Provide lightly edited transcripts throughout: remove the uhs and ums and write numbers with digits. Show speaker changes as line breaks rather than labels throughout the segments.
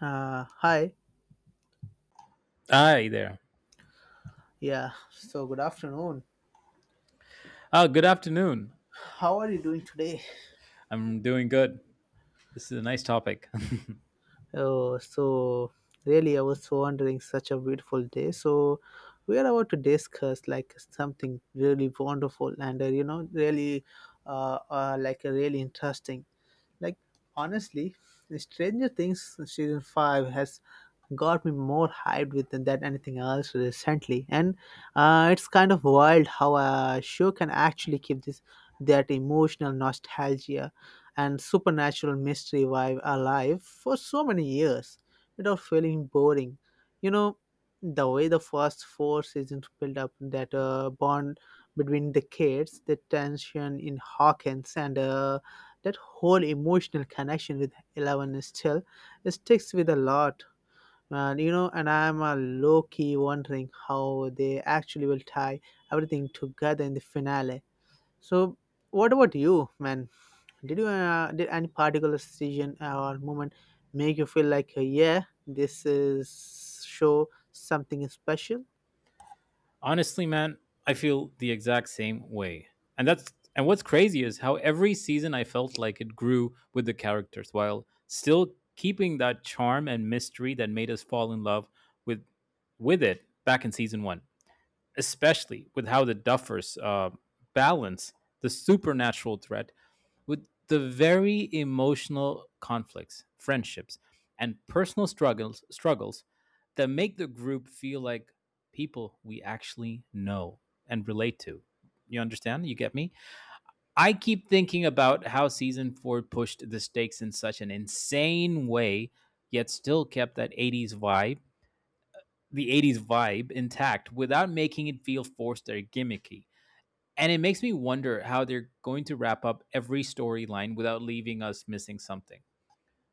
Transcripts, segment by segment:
Hi.
Hi there.
Yeah. So good afternoon.
Oh, good afternoon.
How are you doing today?
I'm doing good. This is a nice topic.
Oh, so I was wondering. Such a beautiful day. So we are about to discuss something really wonderful and really interesting. Like Honestly, Stranger Things season five has got me more hyped with than anything else recently, and it's kind of wild how a show can actually keep this that emotional nostalgia and supernatural mystery vibe alive for so many years without feeling boring, you know the way the first four seasons build up that bond between the kids, the tension in Hawkins, and that whole emotional connection with Eleven. Is still it sticks with a lot. And I'm a low key wondering how they actually will tie everything together in the finale. So, what about you, man? Did any particular decision or moment make you feel like, yeah, this is show something special?
Honestly, man, I feel the exact same way. And that's and what's crazy is how every season I felt like it grew with the characters while still keeping that charm and mystery that made us fall in love with with it back in season 1, especially with how the Duffers balance the supernatural threat with the very emotional conflicts, friendships, and personal struggles that make the group feel like people we actually know and relate to. You understand? You get me? I keep thinking about how season 4 pushed the stakes in such an insane way, yet still kept the 80s vibe intact without making it feel forced or gimmicky. And it makes me wonder how they're going to wrap up every storyline without leaving us missing something.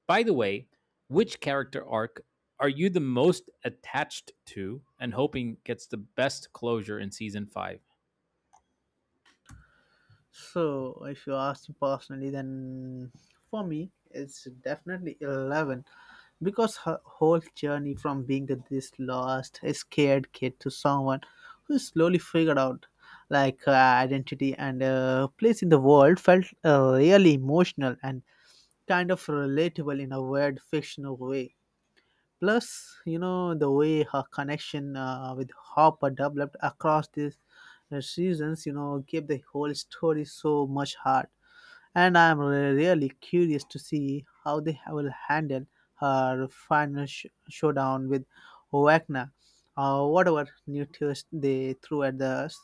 By the way, which character arc are you the most attached to and hoping gets the best closure in season 5?
So, if you ask me personally, then for me, it's definitely Eleven, because her whole journey from being this lost, scared kid to someone who slowly figured out her identity and place in the world felt really emotional and kind of relatable in a weird fictional way. Plus, you know, the way her connection with Hopper developed across these seasons, you know, gave the whole story so much heart. And I'm really curious to see how they will handle her final showdown with Wagner or whatever new twist they threw at us.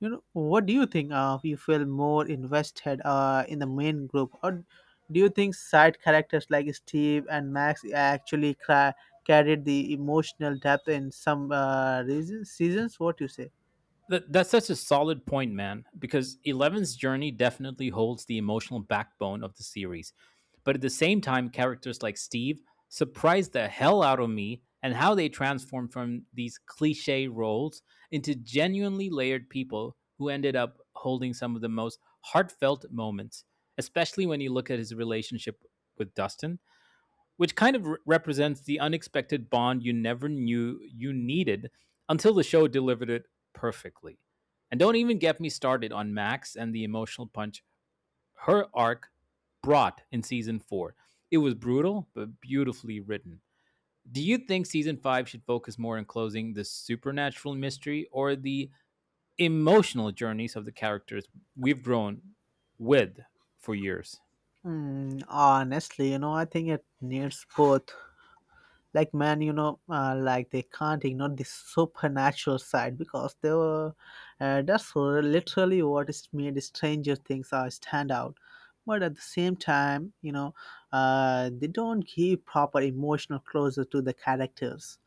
You know, what do you think? You feel more invested in the main group, or do you think side characters like Steve and Max actually carried the emotional depth in some seasons? What you say?
That's such a solid point, man, because Eleven's journey definitely holds the emotional backbone of the series. But at the same time, characters like Steve surprised the hell out of me and how they transform from these cliche roles into genuinely layered people who ended up holding some of the most heartfelt moments, especially when you look at his relationship with Dustin, which kind of represents the unexpected bond you never knew you needed until the show delivered it perfectly. And don't even get me started on Max and the emotional punch her arc brought in season four. It was brutal, but beautifully written. Do you think season five should focus more on closing the supernatural mystery or the emotional journeys of the characters we've grown with for years?
Mm, honestly, you know, I think it needs both. Like, man, you know, they can't ignore the supernatural side because they were that's literally what is made Stranger Things are stand out. But at the same time, you know, they don't give proper emotional closure to the characters.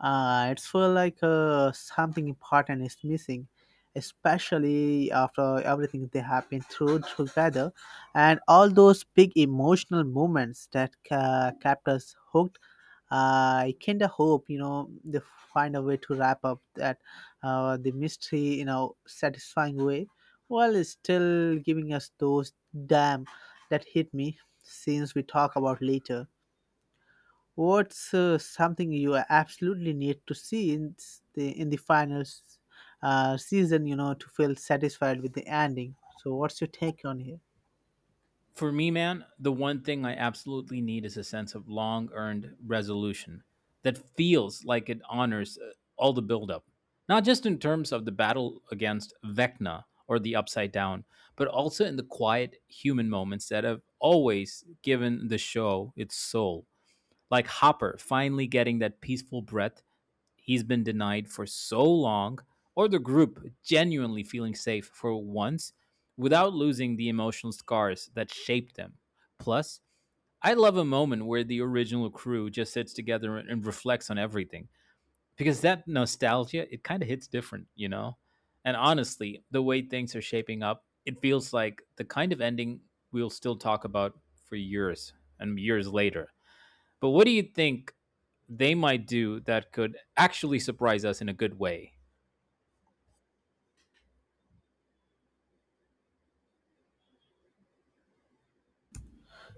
It's feel like something important is missing, especially after everything they have been through together and all those big emotional moments that kept us hooked. I kind of hope, you know, they find a way to wrap up that the mystery in a satisfying way, while still giving us those damn that hit me scenes we talk about later. What's something you absolutely need to see in the final season, you know, to feel satisfied with the ending? So, what's your take on here?
For me, man, the one thing I absolutely need is a sense of long earned resolution that feels like it honors all the buildup, not just in terms of the battle against Vecna or the Upside Down, but also in the quiet human moments that have always given the show its soul, like Hopper finally getting that peaceful breath he's been denied for so long, or the group genuinely feeling safe for once without losing the emotional scars that shaped them. Plus, I love a moment where the original crew just sits together and reflects on everything, because that nostalgia, it kind of hits different, you know? And honestly, the way things are shaping up, it feels like the kind of ending we'll still talk about for years and years later. But what do you think they might do that could actually surprise us in a good way?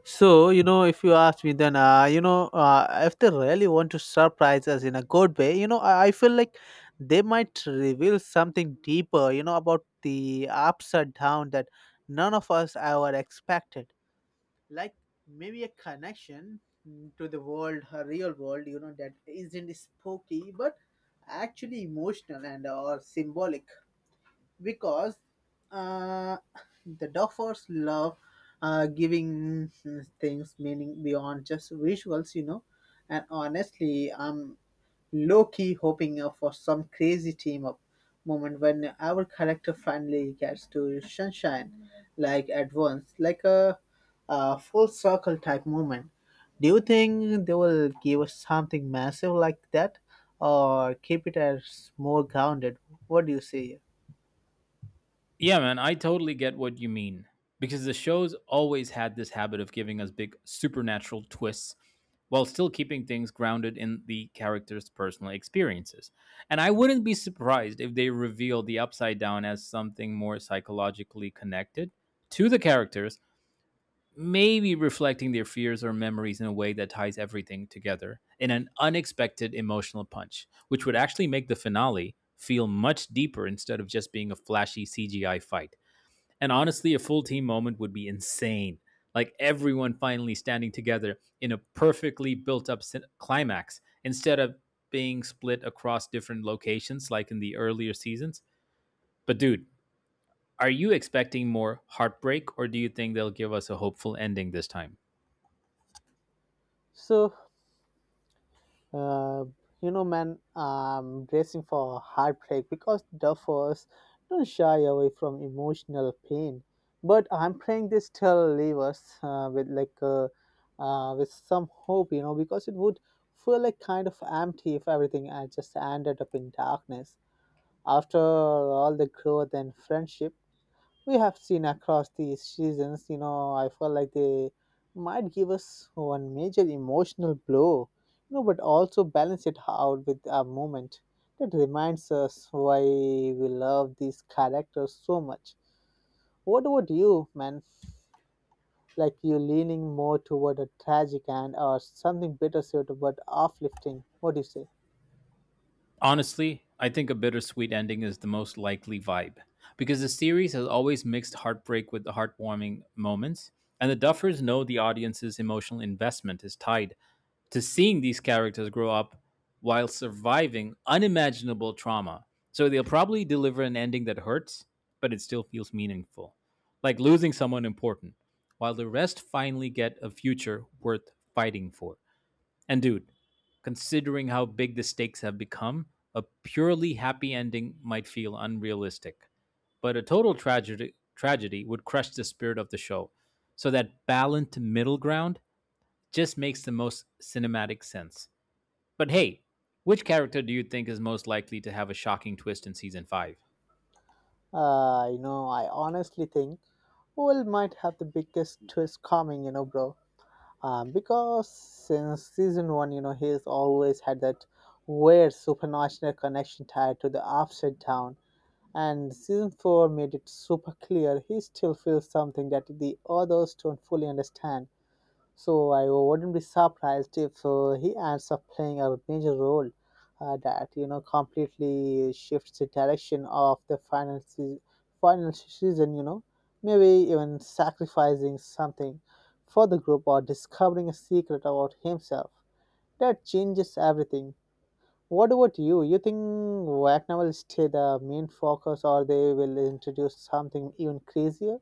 So, you know, if you ask me, then, if they really want to surprise us in a good way, you know, I feel like they might reveal something deeper, you know, about the upside down that none of us ever expected. Like maybe a connection, to the world, a real world, you know, that isn't spooky, but actually emotional and or symbolic, because uh, the Duffers love giving things meaning beyond just visuals, you know. And honestly, I'm low key hoping for some crazy team up moment when our character finally gets to sunshine, like at once, like a full circle type moment. Do you think they will give us something massive like that, or keep it as more grounded? What do you say?
Yeah, man, I totally get what you mean, because the show's always had this habit of giving us big supernatural twists while still keeping things grounded in the characters' personal experiences. And I wouldn't be surprised if they reveal the upside down as something more psychologically connected to the characters, maybe reflecting their fears or memories in a way that ties everything together in an unexpected emotional punch, which would actually make the finale feel much deeper instead of just being a flashy CGI fight. And honestly, a full team moment would be insane. Like everyone finally standing together in a perfectly built up climax instead of being split across different locations like in the earlier seasons. But, dude, are you expecting more heartbreak, or do you think they'll give us a hopeful ending this time?
So Uh, you know, man, I'm bracing for heartbreak because duffers don't shy away from emotional pain. But I'm praying they still leave us with some hope, you know, because it would feel like kind of empty if everything had just ended up in darkness after all the growth and friendship we have seen across these seasons. You know, I felt like they might give us one major emotional blow, you know, but also balance it out with a moment that reminds us why we love these characters so much. What about you, man? Like you leaning more toward a tragic end or something bittersweet but uplifting. What do you say?
Honestly, I think a bittersweet ending is the most likely vibe, because the series has always mixed heartbreak with the heartwarming moments, and the Duffers know the audience's emotional investment is tied to seeing these characters grow up while surviving unimaginable trauma. So they'll probably deliver an ending that hurts, but it still feels meaningful, like losing someone important, while the rest finally get a future worth fighting for. And dude, considering how big the stakes have become, a purely happy ending might feel unrealistic, but a total tragedy would crush the spirit of the show. So that balanced middle ground just makes the most cinematic sense. But hey, which character do you think is most likely to have a shocking twist in season 5?
You know, I honestly think Will might have the biggest twist coming, you know, bro. Because since season one, you know, he's always had that weird supernational connection tied to the upside down. And season four made it super clear he still feels something that the others don't fully understand. So I wouldn't be surprised if he ends up playing a major role that you know completely shifts the direction of the final season. You know, maybe even sacrificing something for the group or discovering a secret about himself that changes everything. What about you? You think Wagner will stay the main focus, or they will introduce something even crazier?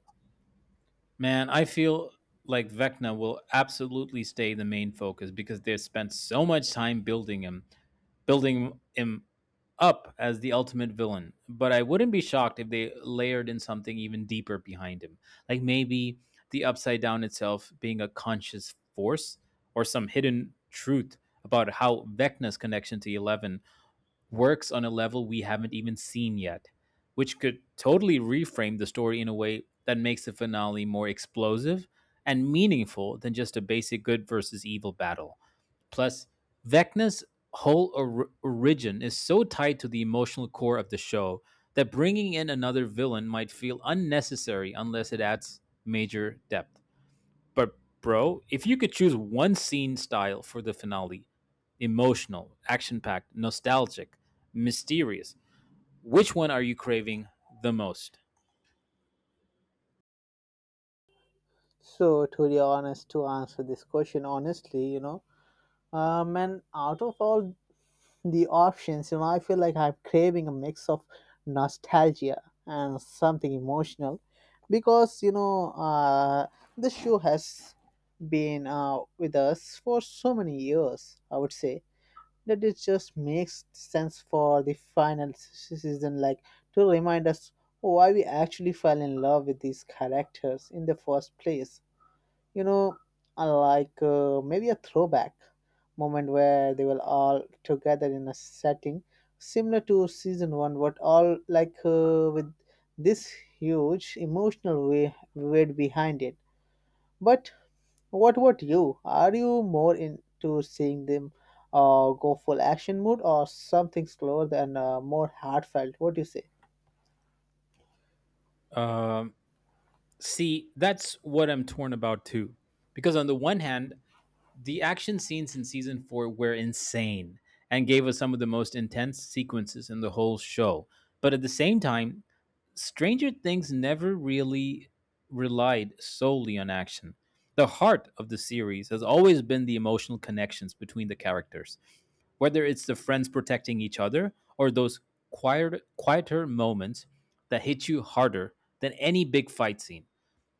Man, I feel like Vecna will absolutely stay the main focus because they've spent so much time building him up as the ultimate villain. But I wouldn't be shocked if they layered in something even deeper behind him, like maybe the upside down itself being a conscious force, or some hidden truth about how Vecna's connection to Eleven works on a level we haven't even seen yet, which could totally reframe the story in a way that makes the finale more explosive and meaningful than just a basic good versus evil battle. Plus, Vecna's whole origin is so tied to the emotional core of the show that bringing in another villain might feel unnecessary unless it adds major depth. But, bro, if you could choose one scene style for the finale, emotional, action packed, nostalgic, mysterious, which one are you craving the most?
So, to be honest, to answer this question honestly, you know, and out of all the options, you know, I feel like I'm craving a mix of nostalgia and something emotional because, you know, this show has been with us for so many years, I would say, that it just makes sense for the final season, like to remind us why we actually fell in love with these characters in the first place. You know, maybe a throwback moment where they were all together in a setting similar to season one, but all with this huge emotional way weight behind it. But what about you? Are you more into seeing them go full action mode or something slower and more heartfelt? What do you say?
Um, see, that's what I'm torn about too. Because on the one hand, the action scenes in season four were insane and gave us some of the most intense sequences in the whole show. But at the same time, Stranger Things never really relied solely on action. The heart of the series has always been the emotional connections between the characters, whether it's the friends protecting each other or those quieter moments that hit you harder than any big fight scene.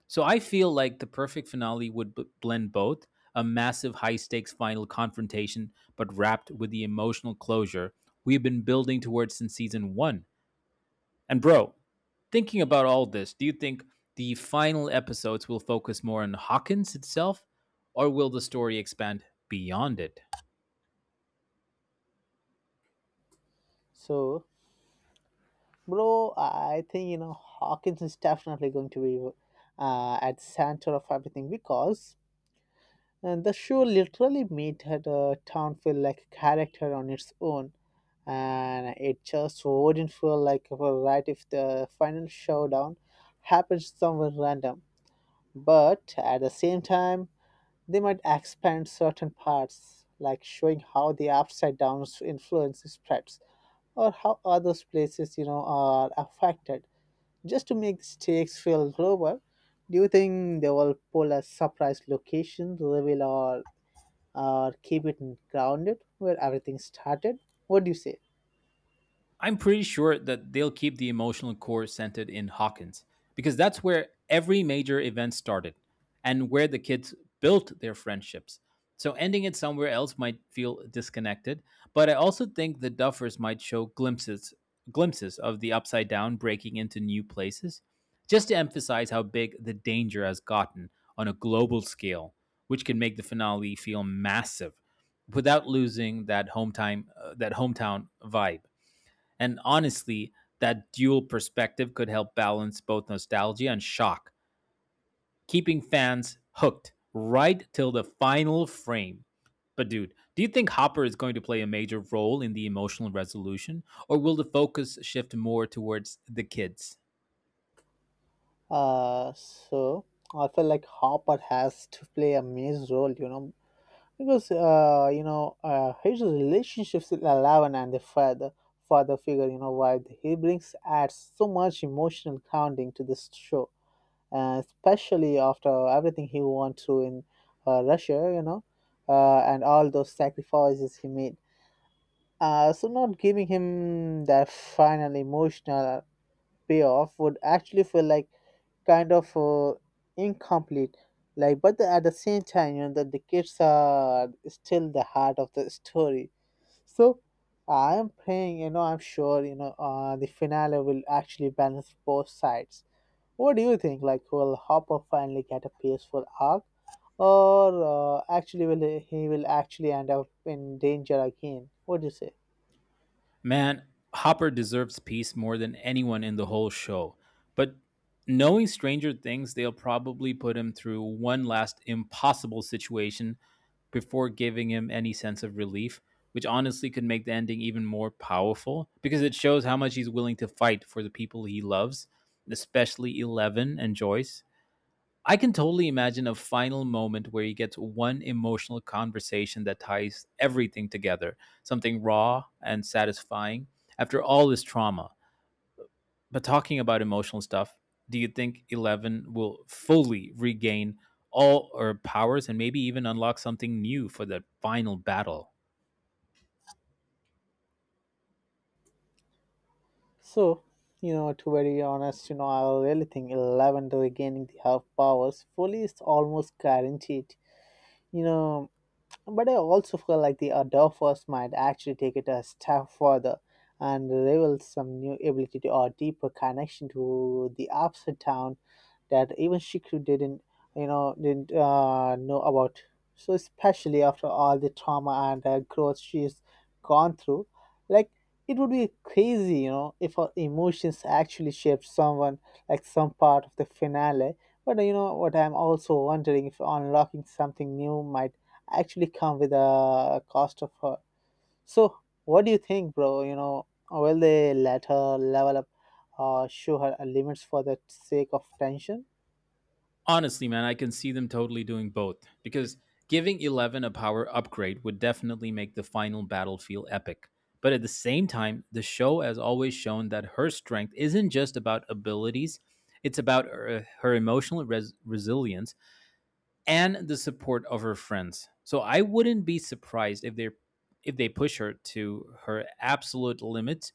So I feel like the perfect finale would blend both, a massive high stakes final confrontation, but wrapped with the emotional closure we've been building towards since season one. And, bro, thinking about all this, do you think the final episodes will focus more on Hawkins itself, or will the story expand beyond it?
So Bro, I think you know Hawkins is definitely going to be at center of everything, because and the show literally made the town feel like a character on its own, and it just wouldn't feel like a right if the final showdown happened somewhere random. But at the same time, they might expand certain parts, like showing how the upside down's influence spreads or how other places you know are affected, just to make the stakes feel global. Do you think they will pull a surprise location, reveal, or keep it grounded where everything started? What do you say?
I'm pretty sure that they'll keep the emotional core centered in Hawkins, because that's where every major event started and where the kids built their friendships. So ending it somewhere else might feel disconnected, but I also think the Duffers might show glimpses of the upside down breaking into new places just to emphasize how big the danger has gotten on a global scale, which can make the finale feel massive without losing that hometown vibe. And honestly, that dual perspective could help balance both nostalgia and shock, keeping fans hooked right till the final frame. But, dude, do you think Hopper is going to play a major role in the emotional resolution, or will the focus shift more towards the kids?
Uh, so I feel like Hopper has to play a major role, you know, because his relationships with Eleven and the father figure, you know, why he brings adds so much emotional grounding to this show, especially after everything he went through in Russia, you know, and all those sacrifices he made. So, not giving him that final emotional payoff would actually feel like kind of incomplete. Like, but the, at the same time, you know, that the kids are still the heart of the story. So, I am praying, you know, I'm sure, you know, the finale will actually balance both sides. What do you think? Like, will Hopper finally get a peaceful arc, or actually will he will actually end up in danger again? What do you say?
Man, Hopper deserves peace more than anyone in the whole show. But knowing Stranger Things, they'll probably put him through one last impossible situation before giving him any sense of relief, which honestly could make the ending even more powerful, because it shows how much he's willing to fight for the people he loves, especially Eleven and Joyce. I can totally imagine a final moment where he gets one emotional conversation that ties everything together, something raw and satisfying after all this trauma. But talking about emotional stuff, do you think Eleven will fully regain all her powers and maybe even unlock something new for the final battle?
So, you know, to be very honest, you know, I really think Eleven regaining the half powers fully is almost guaranteed. You know, but I also feel like the Adolphus might actually take it a step further and reveal some new ability or deeper connection to the upside down that even Shikru didn't, you know, didn't know about. So especially after all the trauma and growth she's gone through, like it would be crazy, you know, if her emotions actually shaped someone like some part of the finale. But you know what? I'm also wondering if unlocking something new might actually come with a cost of her. So, what do you think, bro? You know, will they let her level up or show her limits for the sake of tension?
Honestly, man, I can see them totally doing both, because giving Eleven a power upgrade would definitely make the final battle feel epic. But at the same time, the show has always shown that her strength isn't just about abilities, it's about her emotional resilience and the support of her friends. So I wouldn't be surprised if they push her to her absolute limits,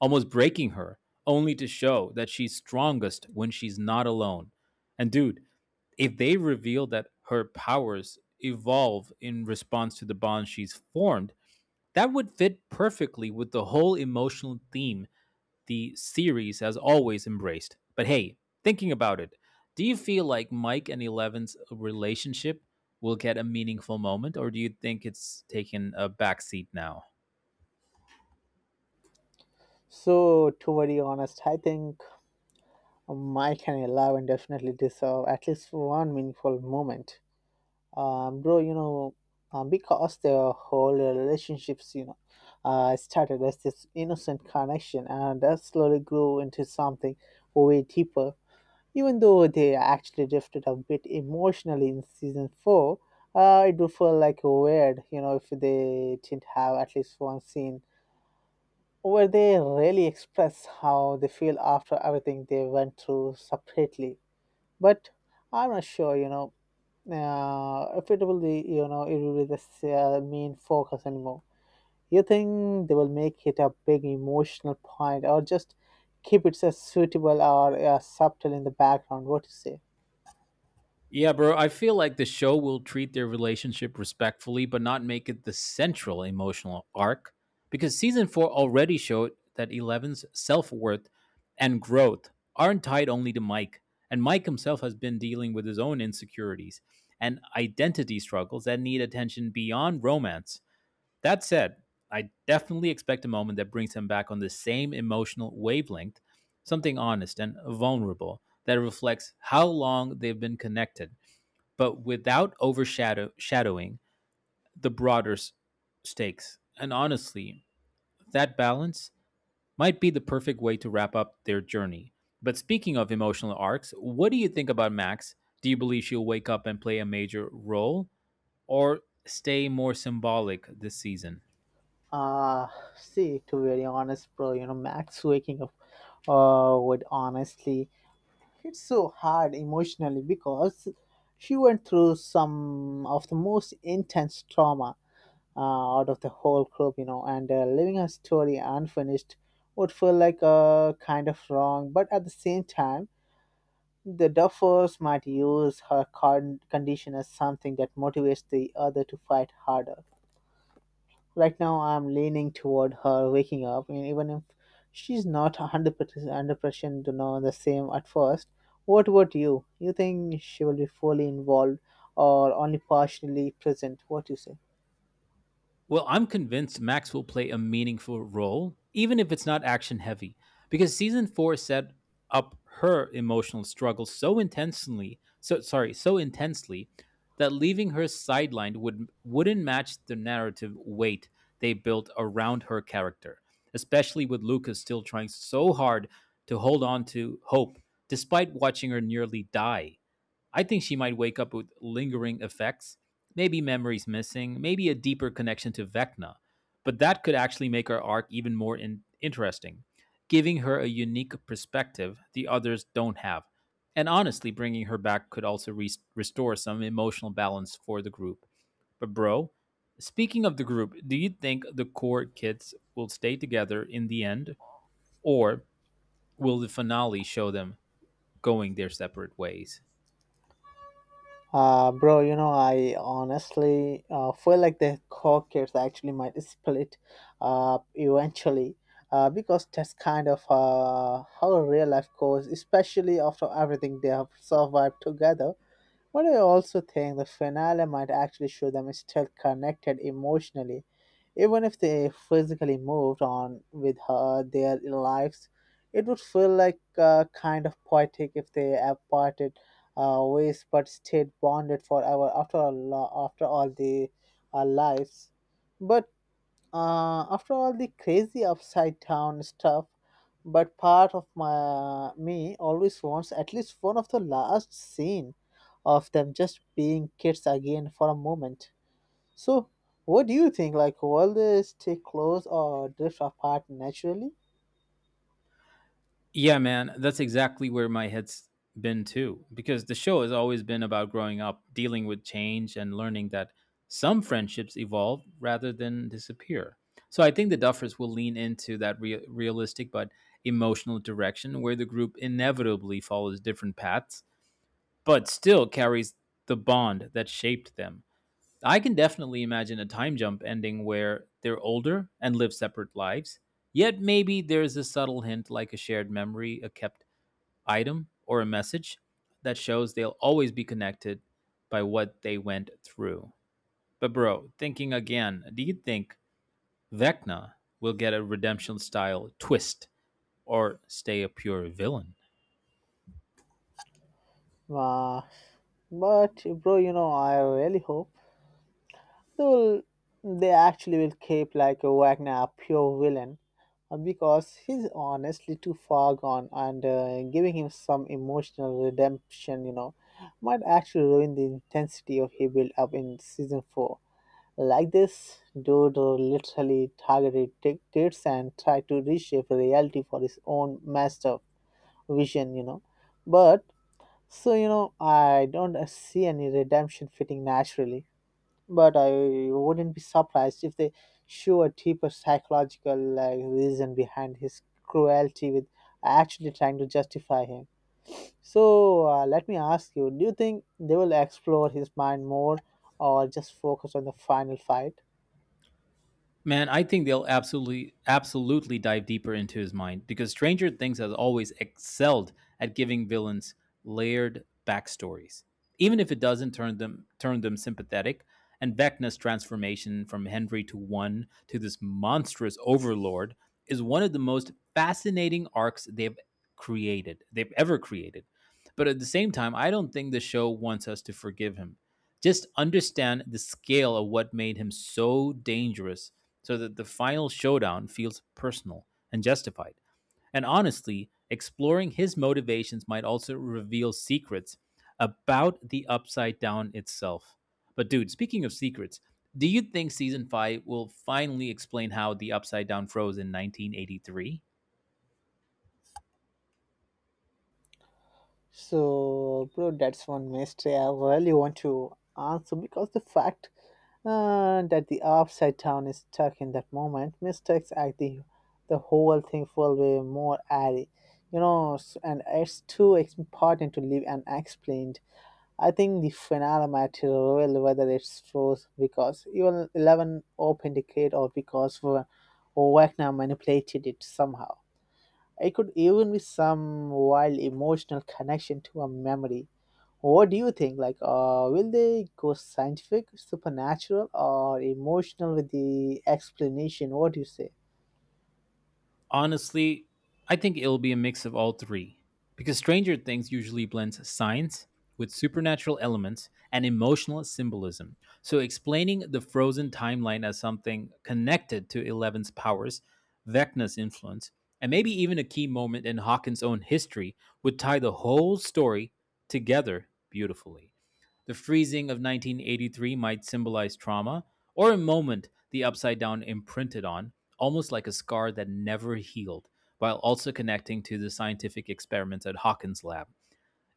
almost breaking her, only to show that she's strongest when she's not alone. And dude, if they reveal that her powers evolve in response to the bond she's formed, that would fit perfectly with the whole emotional theme the series has always embraced. But hey, thinking about it, do you feel like Mike and Eleven's relationship will get a meaningful moment, or do you think it's taken a backseat now?
So, to be honest, I think Mike and Eleven definitely deserve at least one meaningful moment. Bro, you know, because the whole relationships, you know, started as this innocent connection and that slowly grew into something way deeper. Even though they actually drifted a bit emotionally in season four, it would feel like weird, you know, if they didn't have at least one scene where they really express how they feel after everything they went through separately. But I'm not sure, if it will be it will be the main focus anymore. You think they will make it a big emotional point or just keep it as suitable or subtle in the background, what you say?
Yeah, bro. I feel like the show will treat their relationship respectfully, but not make it the central emotional arc, because season four already showed that Eleven's self worth and growth aren't tied only to Mike. And Mike himself has been dealing with his own insecurities and identity struggles that need attention beyond romance. That said, I definitely expect a moment that brings him back on the same emotional wavelength, something honest and vulnerable that reflects how long they've been connected, but without overshadowing the broader stakes. And honestly, that balance might be the perfect way to wrap up their journey. But speaking of emotional arcs, what do you think about Max? Do you believe she'll wake up and play a major role, or stay more symbolic this season?
Uh, See, to be very honest, bro, Max waking up would honestly hit so hard emotionally because she went through some of the most intense trauma out of the whole group, and leaving her story unfinished would feel like a kind of wrong. But at the same time, the Duffers might use her condition as something that motivates the other to fight harder. Right now, I'm leaning toward her waking up, and even if she's not 100% under pressure to know the same at first. What about you? You think she will be fully involved or only partially present? What do you say?
Well, I'm convinced Max will play a meaningful role, even if it's not action heavy, because season four set up her emotional struggle so intensely, so sorry, so intensely that leaving her sidelined wouldn't match the narrative weight they built around her character, especially with Lucas still trying so hard to hold on to hope despite watching her nearly die. I think she might wake up with lingering effects, maybe memories missing, maybe a deeper connection to Vecna. But that could actually make her arc even more interesting, giving her a unique perspective the others don't have. And honestly, bringing her back could also restore some emotional balance for the group. But, bro, speaking of the group, do you think the core kids will stay together in the end, or will the finale show them going their separate ways?
Bro, I honestly feel like the Caucus actually might split up eventually because that's kind of how real life goes, especially after everything they have survived together. But I also think the finale might actually show them still connected emotionally, even if they physically moved on with her their lives. It would feel like kind of poetic if they have parted ways but stayed bonded forever after all the lives. But after all the crazy upside down stuff, but part of my me always wants at least one of the last scene of them just being kids again for a moment. So, what do you think? Like, will they stay close or drift apart naturally?
Yeah, man, that's exactly where my head's been too, because the show has always been about growing up, dealing with change, and learning that some friendships evolve rather than disappear. So I think the Duffers will lean into that realistic but emotional direction where the group inevitably follows different paths, but still carries the bond that shaped them. I can definitely imagine a time jump ending where they're older and live separate lives, yet maybe there's a subtle hint like a shared memory, a kept item or a message that shows they'll always be connected by what they went through. But, bro, thinking again, do you think Vecna will get a redemption style twist or stay a pure villain?
Uh, but bro, I really hope. they will they actually will keep like a Wagner a pure villain because he's honestly too far gone, and giving him some emotional redemption, might actually ruin the intensity of he built up in season 4. Like, this dude literally targeted dictators and tried to reshape reality for his own master vision, but so, I don't see any redemption fitting naturally. But I wouldn't be surprised if they show a deeper psychological, like, reason behind his cruelty with actually trying to justify him. So let me ask you, do you think they will explore his mind more or just focus on the final fight?
Man, I think they'll absolutely dive deeper into his mind because Stranger Things has always excelled at giving villains layered backstories, even if it doesn't turn them sympathetic. And Vecna's transformation from Henry to one to this monstrous overlord is one of the most fascinating arcs they've ever created. But at the same time, I don't think the show wants us to forgive him. Just understand the scale of what made him so dangerous so that the final showdown feels personal and justified. And honestly, exploring his motivations might also reveal secrets about the Upside Down itself. But, dude, speaking of secrets, do you think season five will finally explain how the Upside Down froze in 1983?
So, bro, that's one mystery I really want to answer because the fact that the upside down is stuck in that moment, mistakes act the whole thing full way more airy. And it's too important to leave unexplained. I think the finale might reveal whether it's froze because even 11 opened the gate or because Wagner manipulated it somehow. It could even be some wild emotional connection to a memory. What do you think? Like, will they go scientific, supernatural, or emotional with the explanation? What do you say?
Honestly, I think it'll be a mix of all three, because Stranger Things usually blends science with supernatural elements and emotional symbolism. So, explaining the frozen timeline as something connected to Eleven's powers, Vecna's influence, and maybe even a key moment in Hawkins' own history would tie the whole story together beautifully. The freezing of 1983 might symbolize trauma or a moment the upside down imprinted on, almost like a scar that never healed, while also connecting to the scientific experiments at Hawkins' lab.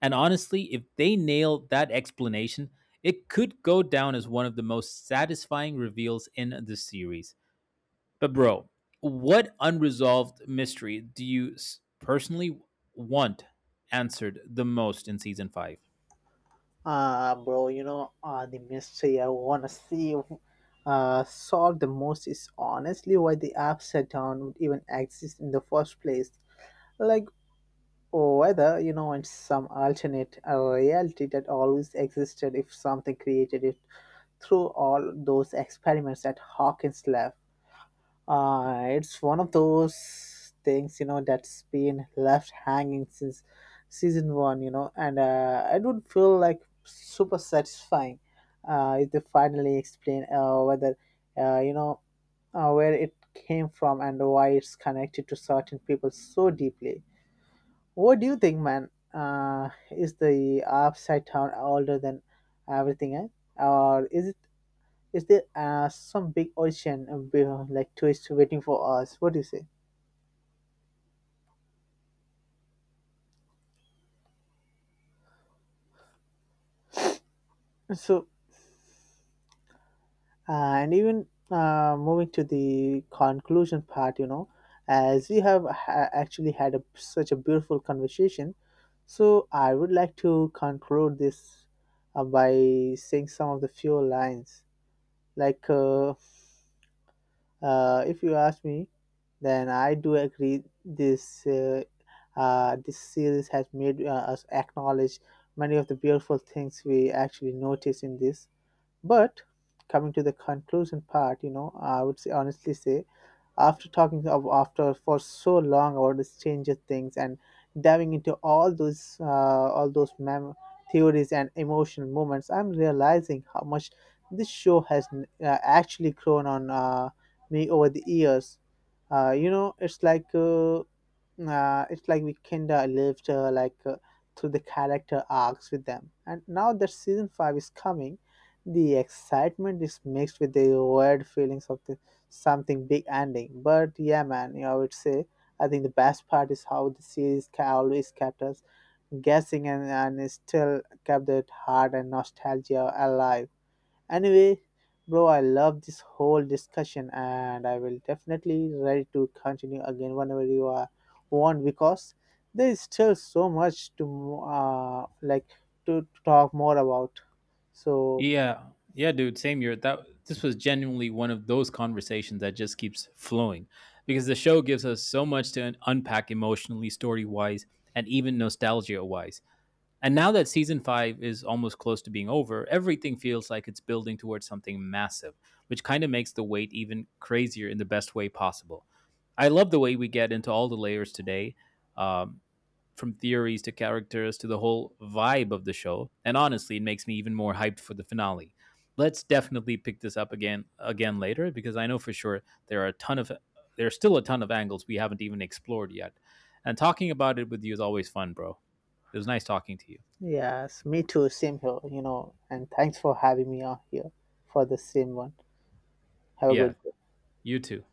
And honestly, if they nail that explanation, it could go down as one of the most satisfying reveals in the series. But, bro, what unresolved mystery do you personally want answered the most in season five?
Bro, the mystery I want to see solved the most is honestly why the upside down would even exist in the first place. Like, whether, in some alternate reality that always existed, if something created it through all those experiments that Hawkins left. It's one of those things, that's been left hanging since season one, and it would feel like super satisfying if they finally explain whether, uh, you know, where it came from and why it's connected to certain people so deeply. What do you think, man? Is the upside down older than everything else? Or is it, is there some big ocean like twist waiting for us? What do you say? So, uh, and even moving to the conclusion part, as we have actually had a, such a beautiful conversation, so I would like to conclude this by saying some of the few lines. Like, if you ask me, then I do agree this this series has made us acknowledge many of the beautiful things we actually notice in this. But coming to the conclusion part, I would say, honestly say, after talking of after for so long about the Stranger Things and diving into all those theories and emotional moments, I'm realizing how much this show has actually grown on me over the years. You know, it's like we kind of lived through the character arcs with them, and now that season 5 is coming, the excitement is mixed with the weird feelings of the something big ending. But yeah, man, I would say I think the best part is how the series always kept us guessing, and it still kept that heart and nostalgia alive. Anyway, bro, I love this whole discussion and I will definitely ready to continue again whenever you are want, because there is still so much to like to talk more about. So
Yeah. Yeah, dude, same year. That This was genuinely one of those conversations that just keeps flowing because the show gives us so much to unpack emotionally, story-wise, and even nostalgia-wise. And now that season 5 is almost close to being over, everything feels like it's building towards something massive, which kind of makes the wait even crazier in the best way possible. I love the way we get into all the layers today. Um, from theories to characters to the whole vibe of the show. And honestly, it makes me even more hyped for the finale. Let's definitely pick this up again later because I know for sure there's still a ton of angles we haven't even explored yet. And talking about it with you is always fun, bro. It was nice talking to you.
yes, me too, same here, and thanks for having me on here for the same one. Have a
Yeah,
good day.
you too.